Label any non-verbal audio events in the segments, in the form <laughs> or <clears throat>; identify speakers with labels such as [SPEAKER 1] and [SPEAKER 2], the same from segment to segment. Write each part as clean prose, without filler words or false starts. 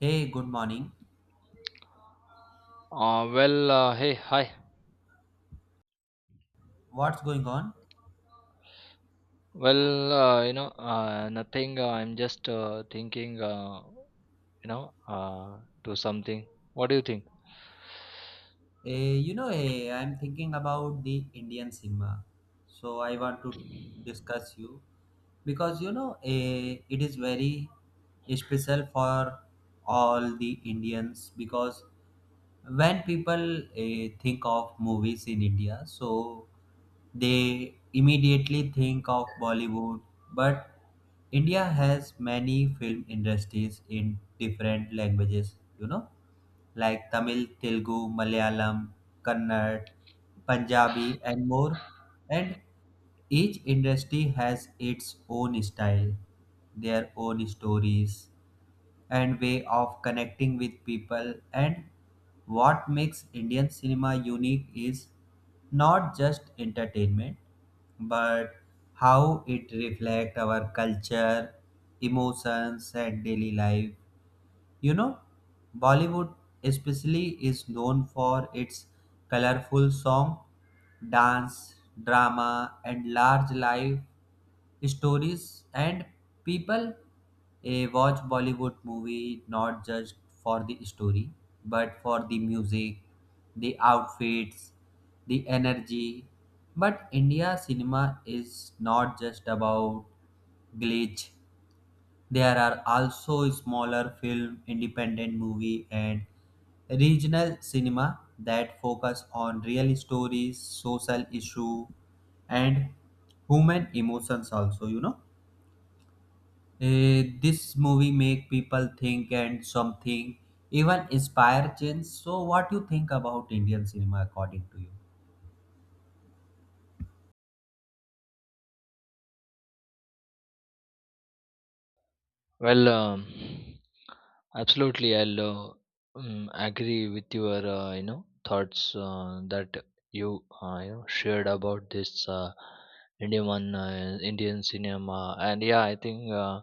[SPEAKER 1] Hey, good morning.
[SPEAKER 2] Hey, hi.
[SPEAKER 1] What's going on?
[SPEAKER 2] Nothing. I'm just thinking, you know, uh, to something. What do you think?
[SPEAKER 1] I'm thinking about the Indian cinema. So I want to discuss you because it is very special for all the Indians because when people think of movies in India, so they immediately think of Bollywood, but India has many film industries in different languages, like Tamil, Telugu, Malayalam, Kannada, Punjabi, and more. And each industry has its own style, their own stories, and way of connecting with people. And what makes Indian cinema unique is not just entertainment, but how it reflects our culture, emotions, and daily life. You know, Bollywood especially is known for its colorful song, dance, drama, and large life stories, and people watch Bollywood movie not just for the story, but for the music, the outfits, the energy. But India cinema is not just about glitch. There are also smaller film, independent movie, and regional cinema that focus on real stories, social issue, and human emotions also. This movie make people think and something even inspire change. So what you think about Indian cinema, according to you?
[SPEAKER 2] Well, um, Absolutely, I'll agree with your thoughts that you you know shared about this Indian cinema, and yeah, I think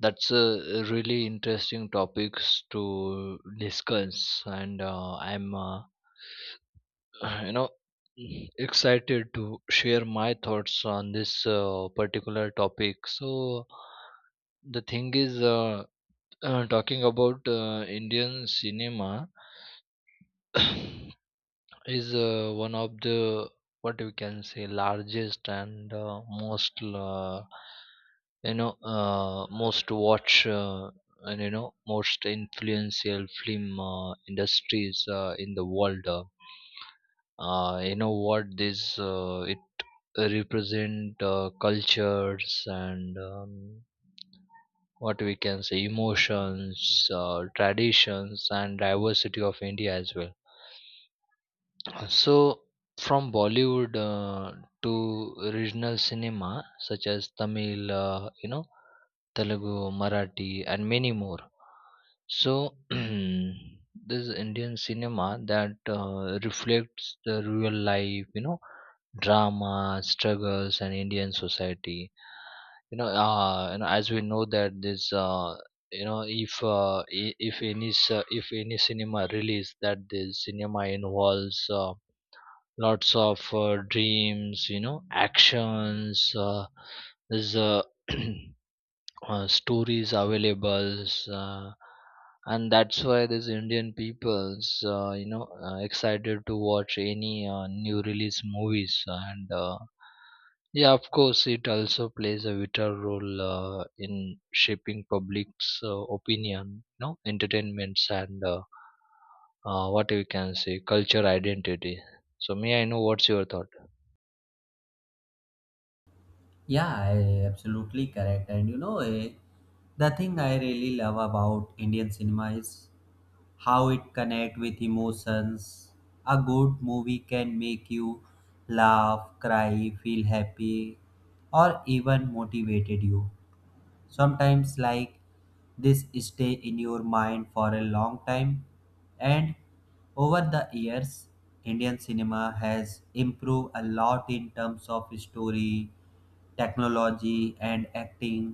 [SPEAKER 2] that's a really interesting topics to discuss, and I'm <sighs> <clears throat> you know excited to share my thoughts on this particular topic. So the thing is, talking about Indian cinema <coughs> is one of the what we can say largest and most most watch and you know most influential film industries in the world. You know what, this it represent cultures and what we can say emotions, traditions, and diversity of India as well. So from Bollywood, to regional cinema such as Tamil, Telugu, Marathi, and many more. So <clears throat> this is Indian cinema that reflects the real life, you know, drama, struggles, and Indian society. And as we know that this, if if any cinema release, that the cinema involves lots of dreams, you know, actions, there's <clears throat> stories available, uh, and that's why these Indian peoples excited to watch any new release movies. And Yeah, of course, it also plays a vital role in shaping public's opinion, you know, entertainments, and what we can say culture identity. So may I know what's your thought?
[SPEAKER 1] Yeah, absolutely correct. And the thing I really love about Indian cinema is how it connect with emotions. A good movie can make you laugh, cry, feel happy, or even motivated you sometimes, like this stay in your mind for a long time. And over the years, Indian cinema has improved a lot in terms of story, technology, and acting.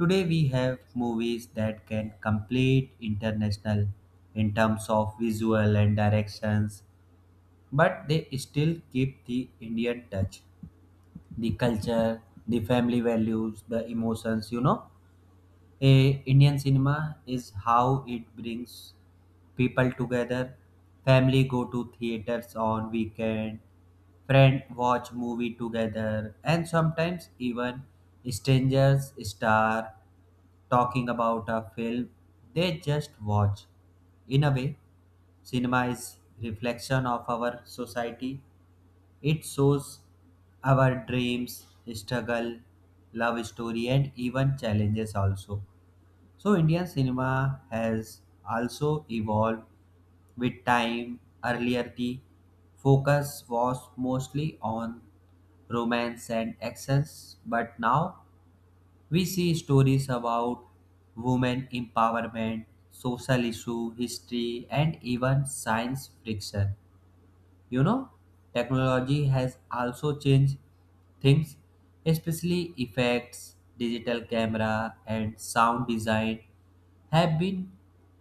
[SPEAKER 1] Today we have movies that can complete international in terms of visual and directions, but they still keep the Indian touch, the culture, the family values, the emotions. A Indian cinema is how it brings people together. Family go to theaters on weekend, friend watch movie together, and sometimes even strangers star talking about a film they just watch. In a way, cinema is reflection of our society. It shows our dreams, struggle, love story, and even challenges also. So Indian cinema has also evolved with time. Earlier, the focus was mostly on romance and access, but now we see stories about women empowerment, social issue, history, and even science fiction. You know, Technology has also changed things, especially effects, digital camera, and sound design have been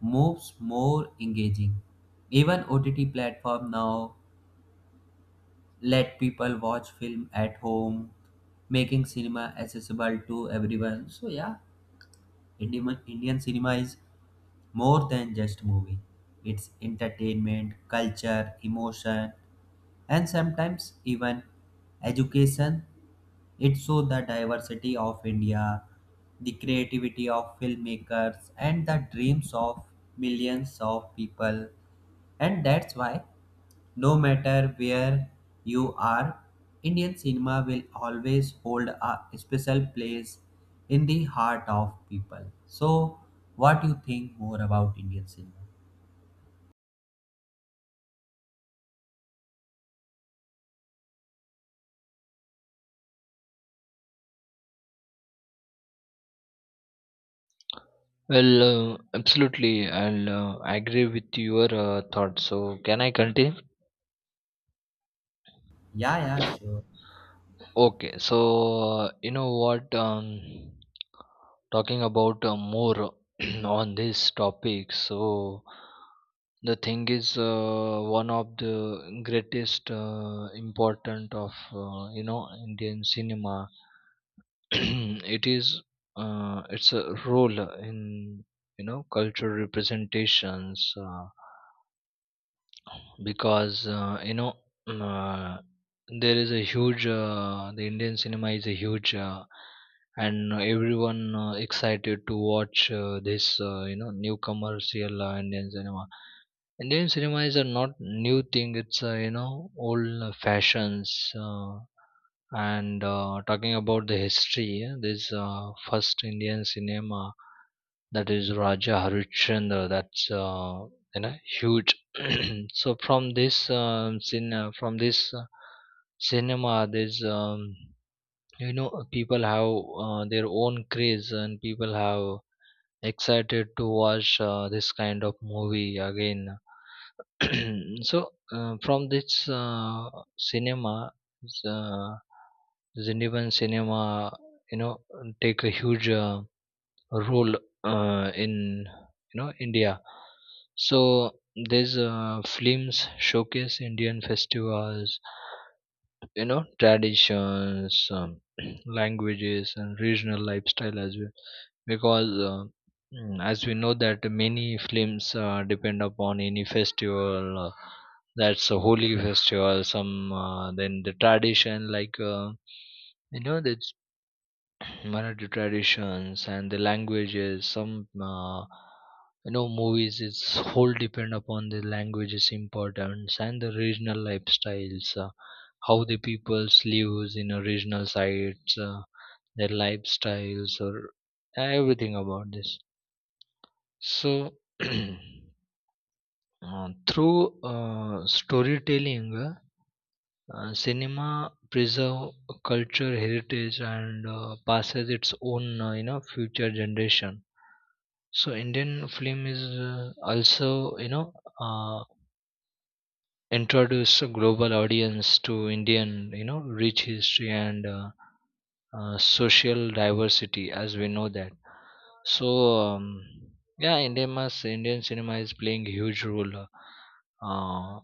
[SPEAKER 1] moves more engaging. Even OTT platform now let people watch film at home, making cinema accessible to everyone. So yeah, Indian cinema is more than just movie. It's entertainment, culture, emotion, and sometimes even education. It shows the diversity of India, the creativity of filmmakers, and the dreams of millions of people. And that's why, no matter where you are, Indian cinema will always hold a special place in the heart of people. So, what do you think more about Indian cinema?
[SPEAKER 2] Well, absolutely. I'll agree with your thoughts. So, can I continue?
[SPEAKER 1] Yeah, yeah, sure.
[SPEAKER 2] Okay. So, you know what? Talking about more <clears throat> on this topic. So, the thing is, one of the greatest important of Indian cinema. <clears throat> It is it's a role in you know cultural representations. Because mm, uh, there is a huge the Indian cinema is a huge, and everyone excited to watch this new commercial Indian cinema. Indian cinema is a not new thing. It's old fashions. Uh, and Talking about the history, yeah, this first Indian cinema, that is Raja Harishchandra. That's huge. <clears throat> So from this cinema, there's you know, people have their own craze, and people have excited to watch this kind of movie again. <clears throat> So from this cinema, uh, this Indian cinema, you know, take a huge role in you know India. So these films showcase Indian festivals, you know, traditions, <clears throat> languages, and regional lifestyle as well. Because as we know that, many films depend upon any festival. That's a holy festival. Some then the tradition, like that Marathi traditions and the languages. Some movies is whole depend upon the languages importance and the regional lifestyles. How the peoples lives in a regional sites, their lifestyles, or everything about this. So <clears throat> uh, through storytelling, cinema preserve culture heritage and passes its own future generation. So Indian film is also you know uh, introduce a global audience to Indian, you know, rich history and social diversity, as we know that. So um, yeah, Indian cinema is playing huge role uh,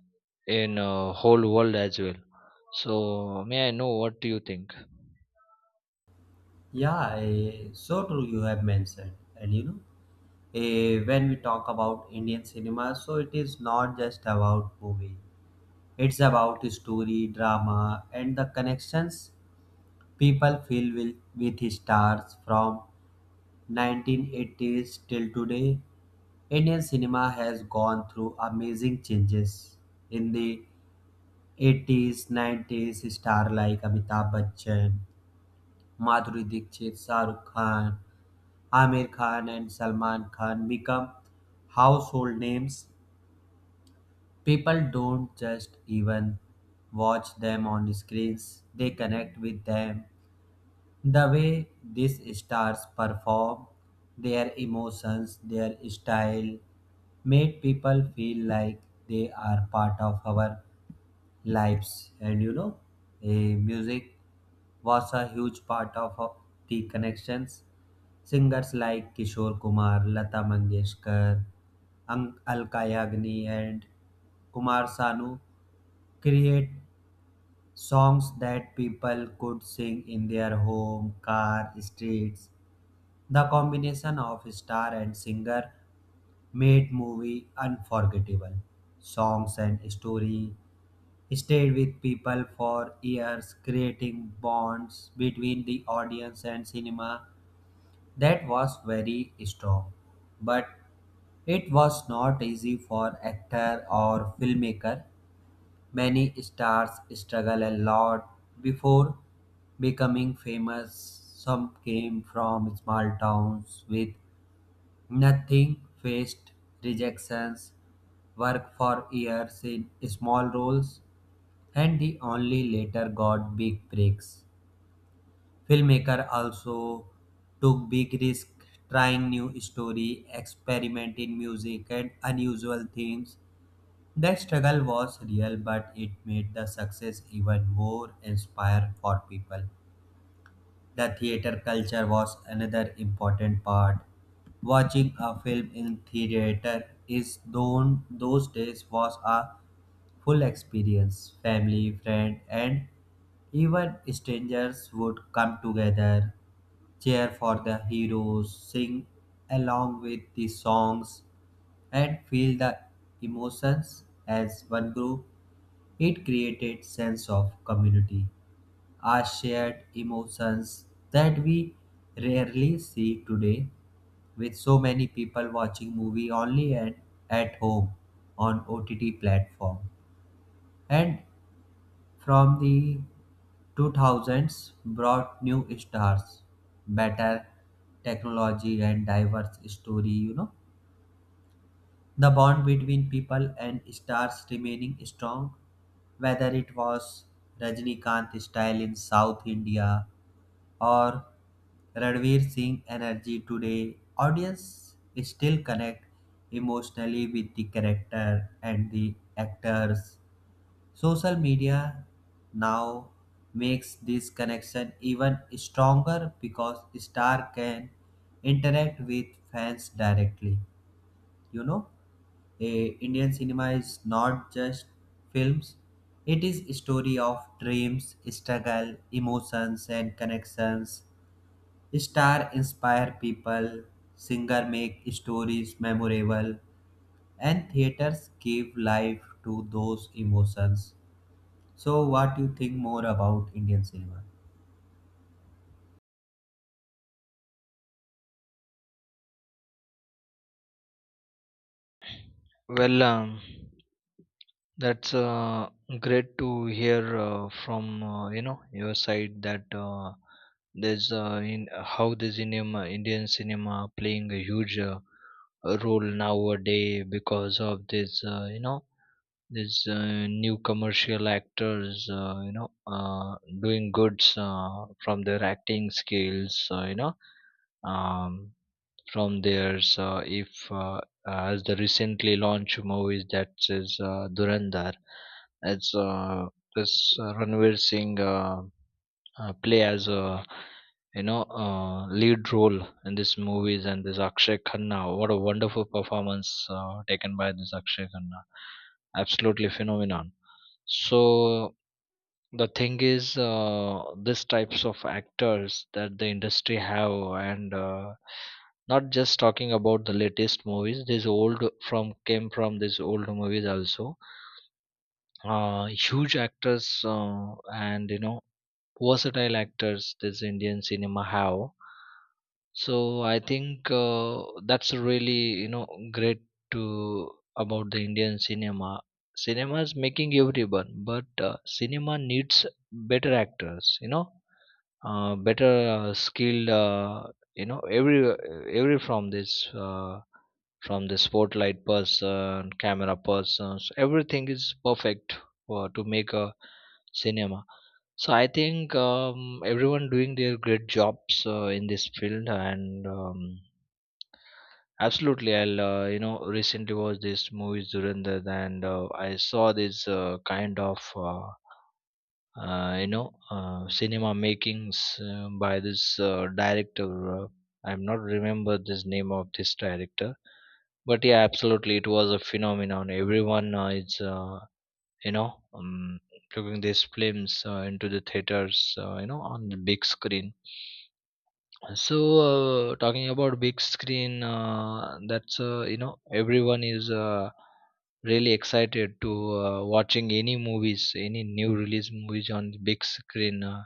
[SPEAKER 2] in whole world as well. So may I know what do you think?
[SPEAKER 1] Yeah, so true you have mentioned. And when we talk about Indian cinema, so it is not just about movie. It's about story, drama, and the connections people feel with stars from 1980s till today. Indian cinema has gone through amazing changes. In the 80s, 90s, star like Amitabh Bachchan, Madhuri Dixit, Shah Rukh Khan, Amir Khan, and Salman Khan become household names. People don't just even watch them on screens, they connect with them the way these stars perform, their emotions, their style made people feel like they are part of our lives. And music was a huge part of the connections. Singers like Kishore Kumar, Lata Mangeshkar, Alka Yagni, and Kumar Sanu create songs that people could sing in their home, car, streets. The combination of star and singer made movie unforgettable. Songs and story stayed with people for years, creating bonds between the audience and cinema that was very strong. But it was not easy for actor or filmmaker. Many stars struggle a lot before becoming famous. Some came from small towns with nothing, faced rejections, worked for years in small roles, and the only later got big breaks. Filmmaker also took big risks trying new story, experiment in music and unusual themes. The struggle was real, but it made the success even more inspiring for people. The theater culture was another important part. Watching a film in theater those days was a full experience. Family, friend, and even strangers would come together, cheer for the heroes, sing along with the songs, and feel the emotions as one group. It created sense of community, our shared emotions that we rarely see today with so many people watching movie only and at home on OTT platform. And from the 2000s brought new stars, better technology, and diverse story. The bond between people and stars remaining strong, whether it was Rajinikanth style in South India or Ranveer Singh energy today, audience still connect emotionally with the character and the actors. Social media now makes this connection even stronger because star can interact with fans directly. You know. Indian cinema is not just films. It is a story of dreams, struggle, emotions, and connections. Star inspire people, singer make stories memorable, and theaters give life to those emotions. So what do you think more about Indian cinema?
[SPEAKER 2] Well, that's great to hear from your side that there's in how the cinema Indian cinema playing a huge role nowadays, because of this new commercial actors doing goods from their acting skills, um, from there. So if as the recently launched movies, that is Durandar, it's this Ranveer Singh play as a lead role in this movies, and this Akshay Khanna. What a wonderful performance taken by this Akshay Khanna. Absolutely phenomenon. So the thing is, this types of actors that the industry have, and not just talking about the latest movies, these old from came from these old movies also, huge actors and you know versatile actors this Indian cinema have. So I think that's really, you know, great to about the Indian cinema. Cinema is making everyone, but cinema needs better actors, you know, better skilled, every every from the spotlight person, camera persons, everything is perfect for, to make a cinema. So I think, everyone doing their great jobs in this field, and absolutely, I'll recently watched this movie Zurandar, and I saw this kind of cinema makings by this director. uh, I'm not remember this name of this director, but yeah, absolutely, it was a phenomenon. Everyone is you know um, plugging these films into the theaters, on the big screen. So, talking about big screen, that's everyone is really excited to watching any movies, any new release movies on the big screen,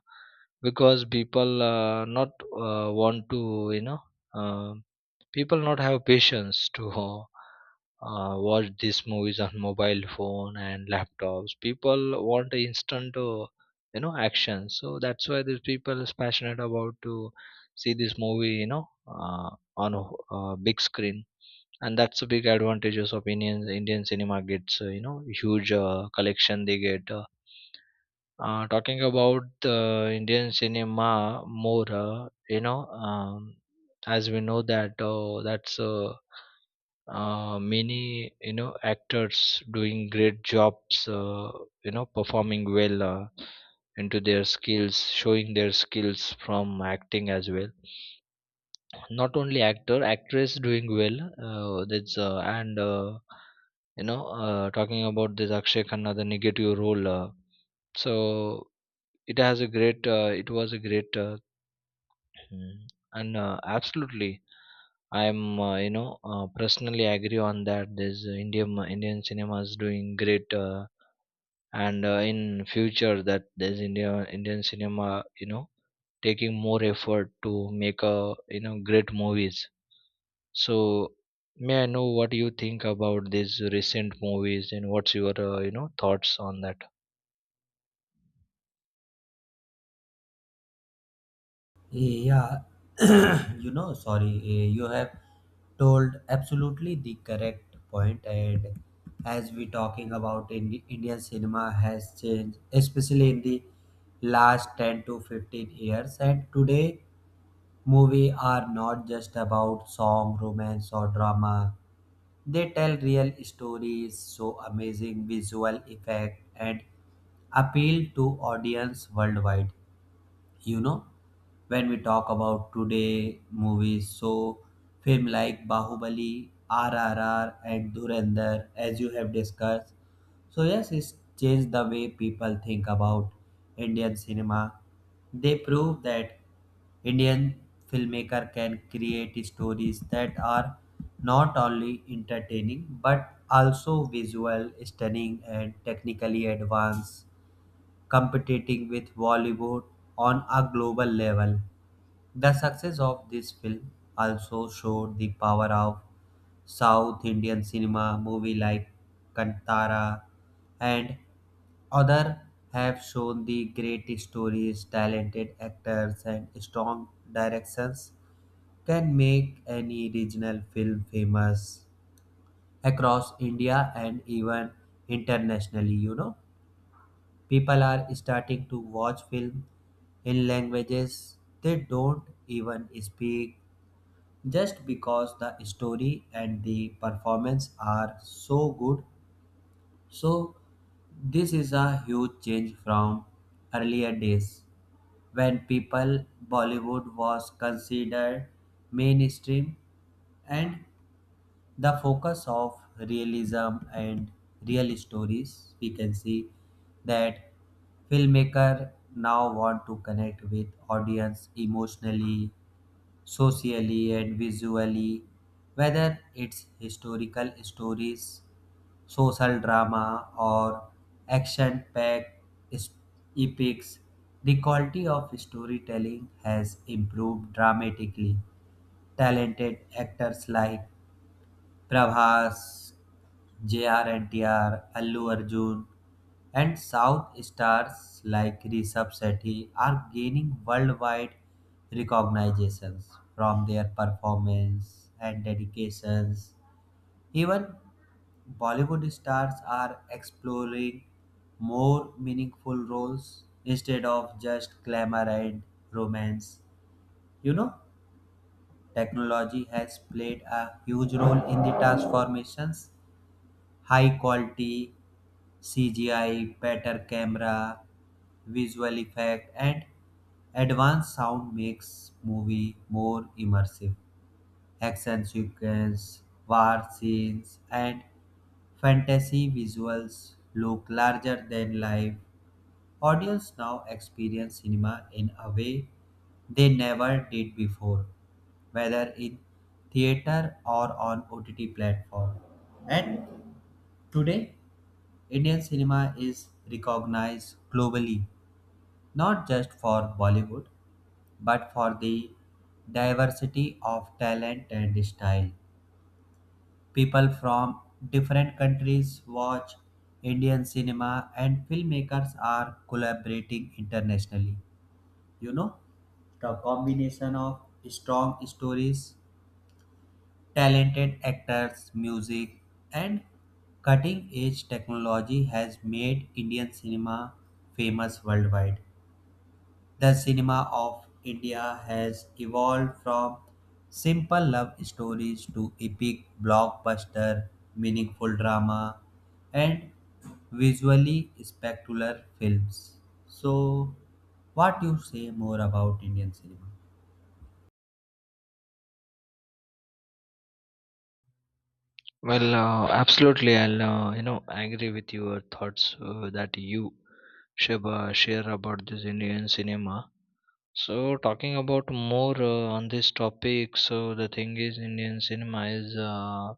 [SPEAKER 2] because people not want to you know uh, people not have patience to <laughs> watch these movies on mobile phone and laptops. People want instant action, so that's why these people is passionate about to see this movie, on a big screen. And that's a big advantages of Indian cinema gets, huge collection they get. Talking about the Indian cinema more, as we know that, that's many you know actors doing great jobs, you know, performing well into their skills, showing their skills from acting as well. Not only actor, actress doing well. That's and you know Talking about this Akshay Khanna, the negative role, so it has a great it was a great, mm, and absolutely, I am personally agree on that, there's Indian cinema is doing great, and in future that there's Indian cinema, you know, taking more effort to make a you know great movies. So may I know what you think about these recent movies, and what's your thoughts on that?
[SPEAKER 1] Eh, Yeah, <coughs> <clears throat> sorry, you have told absolutely the correct point. And as we talking about Indian cinema has changed, especially in the last 10 to 15 years. And today, movie are not just about song, romance, or drama. They tell real stories, so amazing visual effect and appeal to audience worldwide. you know when we talk about today movies, so film like Bahubali, RRR, and Durandar, as you have discussed, so yes, it's changed the way people think about Indian cinema. They prove that Indian filmmaker can create stories that are not only entertaining but also visual stunning and technically advanced, competing with Bollywood on a global level. The success of this film also showed the power of South Indian cinema. Movie like Kantara and other have shown the great stories, talented actors, and strong directions can make any regional film famous across India and even internationally. People are starting to watch film in languages they don't even speak just because the story and the performance are so good. So this is a huge change from earlier days when people Bollywood was considered mainstream, and the focus of realism and real stories we can see that filmmaker now want to connect with audience emotionally, socially, and visually, whether it's historical stories, social drama, or action packed epics. The quality of storytelling has improved dramatically. Talented actors like Prabhas, J R N T R, NTR, Allu Arjun, and South stars like Rishabh Sethi are gaining worldwide recognitions from their performance and dedications. Even Bollywood stars are exploring more meaningful roles instead of just glamour and romance. You know, Technology has played a huge role in the transformations high quality CGI, better camera, visual effect, and advanced sound makes movie more immersive. Action sequence, war scenes, and fantasy visuals look larger than life. Audience now experience cinema in a way they never did before, whether in theater or on OTT platform. And today Indian cinema is recognized globally, not just for Bollywood, but for the diversity of talent and style. People from different countries watch Indian cinema, and filmmakers are collaborating internationally. You know, the combination of strong stories, talented actors, music, and cutting edge technology has made Indian cinema famous worldwide. The cinema of India has evolved from simple love stories to epic blockbuster, meaningful drama, and visually spectacular films. So, what you say more about Indian cinema?
[SPEAKER 2] Well, absolutely. I'll agree with your thoughts that you should share about this Indian cinema. So, talking about more on this topic, so the thing is, Indian cinema is a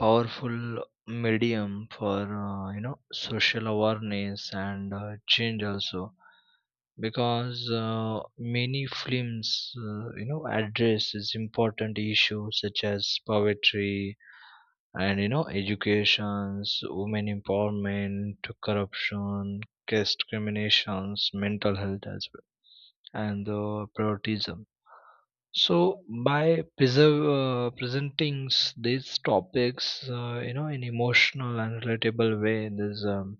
[SPEAKER 2] powerful medium for social awareness and change also. Because many films addresses important issues such as poverty and you know educations, women empowerment, corruption, caste discriminations, mental health as well, and patriotism. So by presenting these topics you know, in emotional and relatable way, there's um,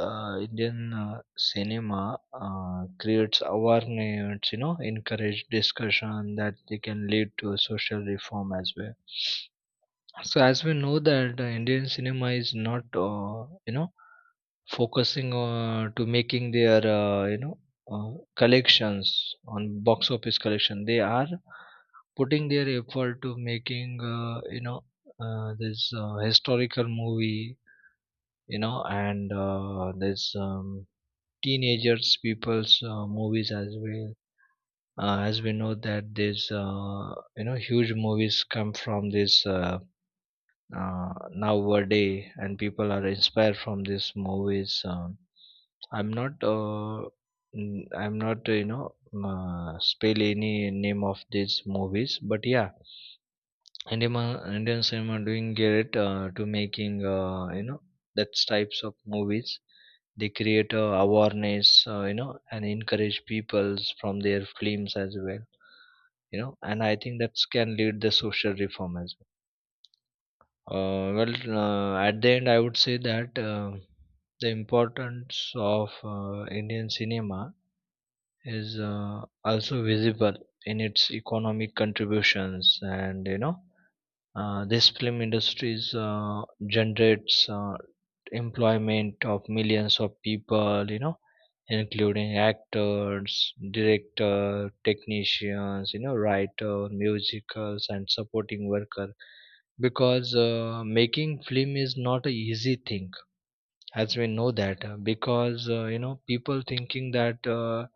[SPEAKER 2] uh, Indian cinema creates awareness, you know, encourage discussion that they can lead to social reform as well. So, as we know that, Indian cinema is not, focusing to making their, collections on box office collection. They are putting their effort to making, this historical movie, you know, and there's teenagers people's movies as well. As we know that, this huge movies come from this nowadays, and people are inspired from these movies. I'm not I'm not spell any name of these movies, but yeah, indian indian cinema doing great to making, that types of movies. They create awareness, and encourage peoples from their films as well, you know, and I think that can lead the social reform as well. uh, well at the end, I would say that the importance of Indian cinema is also visible in its economic contributions, and you know this film industries generates employment of millions of people, you know, including actors, director, technicians, you know, writer, musicals, and supporting worker. Because making film is not a easy thing, as we know that. Because you know, people thinking that.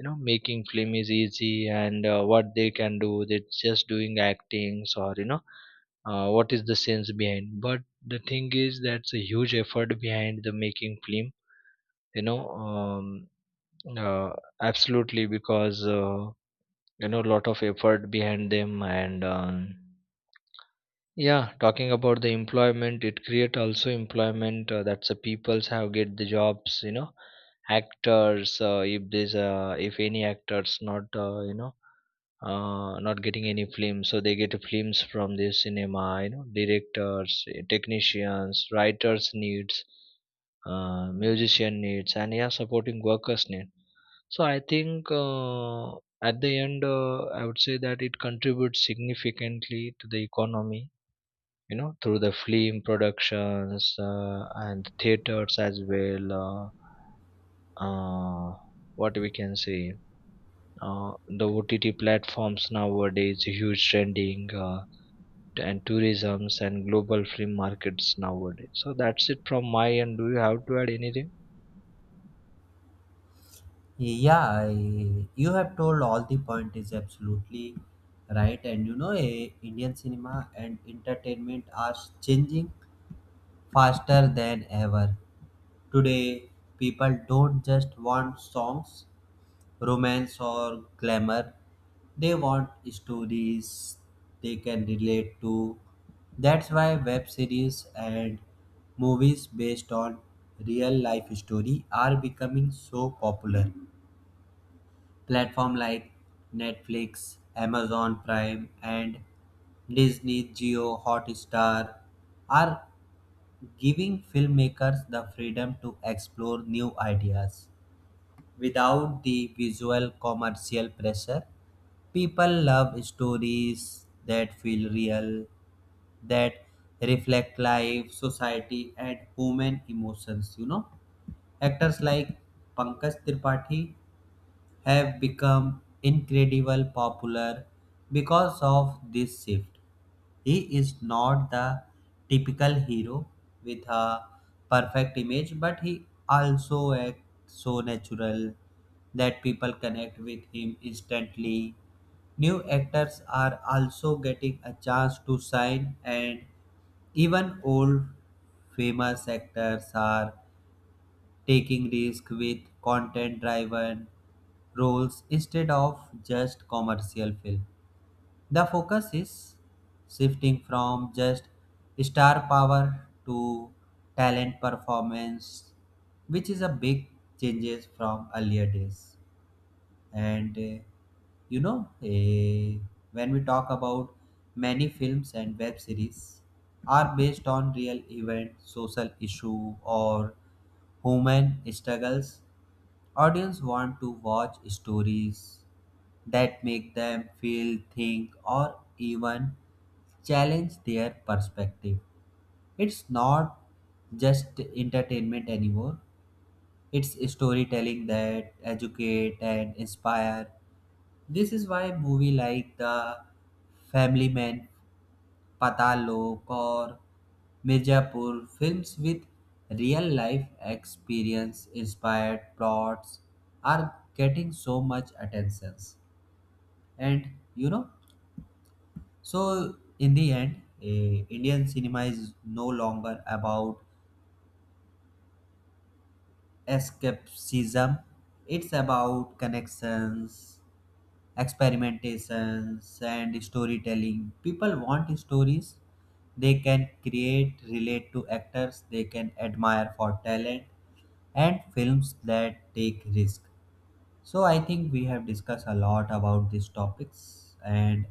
[SPEAKER 2] You know, making film is easy, and what they can do, they're just doing actings, or you know what is the sense behind. But the thing is, that's a huge effort behind the making film, you know um, uh, absolutely, because you know a lot of effort behind them. And yeah, talking about the employment, it create also employment. That's, the peoples have get the jobs, you know, actors, if there's if any actors not not getting any films, so they get films from the cinema, you know, directors, eh, technicians, writers needs, musician needs, and yeah, supporting workers need. So I think at the end, I would say that it contributes significantly to the economy, you know, through the film productions, and theaters as well. Uh, what we can say, the OTT platforms nowadays, huge trending, and tourisms and global film markets nowadays. So that's it from my end. Do you have to add anything?
[SPEAKER 1] Yeah, you have told all the point is absolutely right. And Indian cinema and entertainment are changing faster than ever. Today, people don't just want songs, romance, or glamour. They want stories they can relate to. That's why web series and movies based on real life story are becoming so popular. Platform like Netflix, Amazon Prime, and Disney Geo Hotstar are giving filmmakers the freedom to explore new ideas without the visual commercial pressure. People love stories that feel real, that reflect life, society, and human emotions. Actors like Pankaj Tripathi have become incredibly popular because of this shift. He is not the typical hero with a perfect image, but he also acts so natural that people connect with him instantly. New actors are also getting a chance to shine, and even old famous actors are taking risk with content driven roles instead of just commercial film. The focus is shifting from just star power to talent performance, which is a big changes from earlier days. And you know, eh, when we talk about many films and web series are based on real event, social issue, or human struggles. Audience want to watch stories that make them feel, think, or even challenge their perspective. It's not just entertainment anymore. It's storytelling that educate and inspire. This is why movie like The Family Man, Patal Lok, or Mirzapur, films with real life experience inspired plots are getting so much attention. And you know, so in the end, Indian cinema is no longer about escapism, it's about connections, experimentations, and storytelling. People want stories they can create, relate to actors they can admire for talent, and films that take risk. So I think we have discussed a lot about these topics, and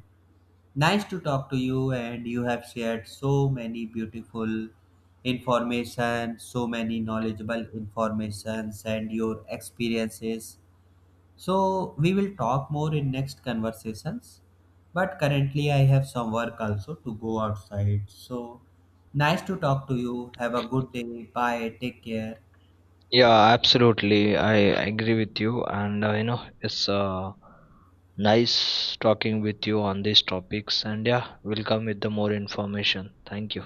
[SPEAKER 1] nice to talk to you, and you have shared so many beautiful information, so many knowledgeable informations and your experiences, so we will talk more in next conversations. But currently I have some work also to go outside. So nice to talk to you. Have a good day. Bye. Take care.
[SPEAKER 2] Yeah, absolutely. I agree with you, and you know, it's nice talking with you on these topics. And yeah, we'll come with the more information. Thank you.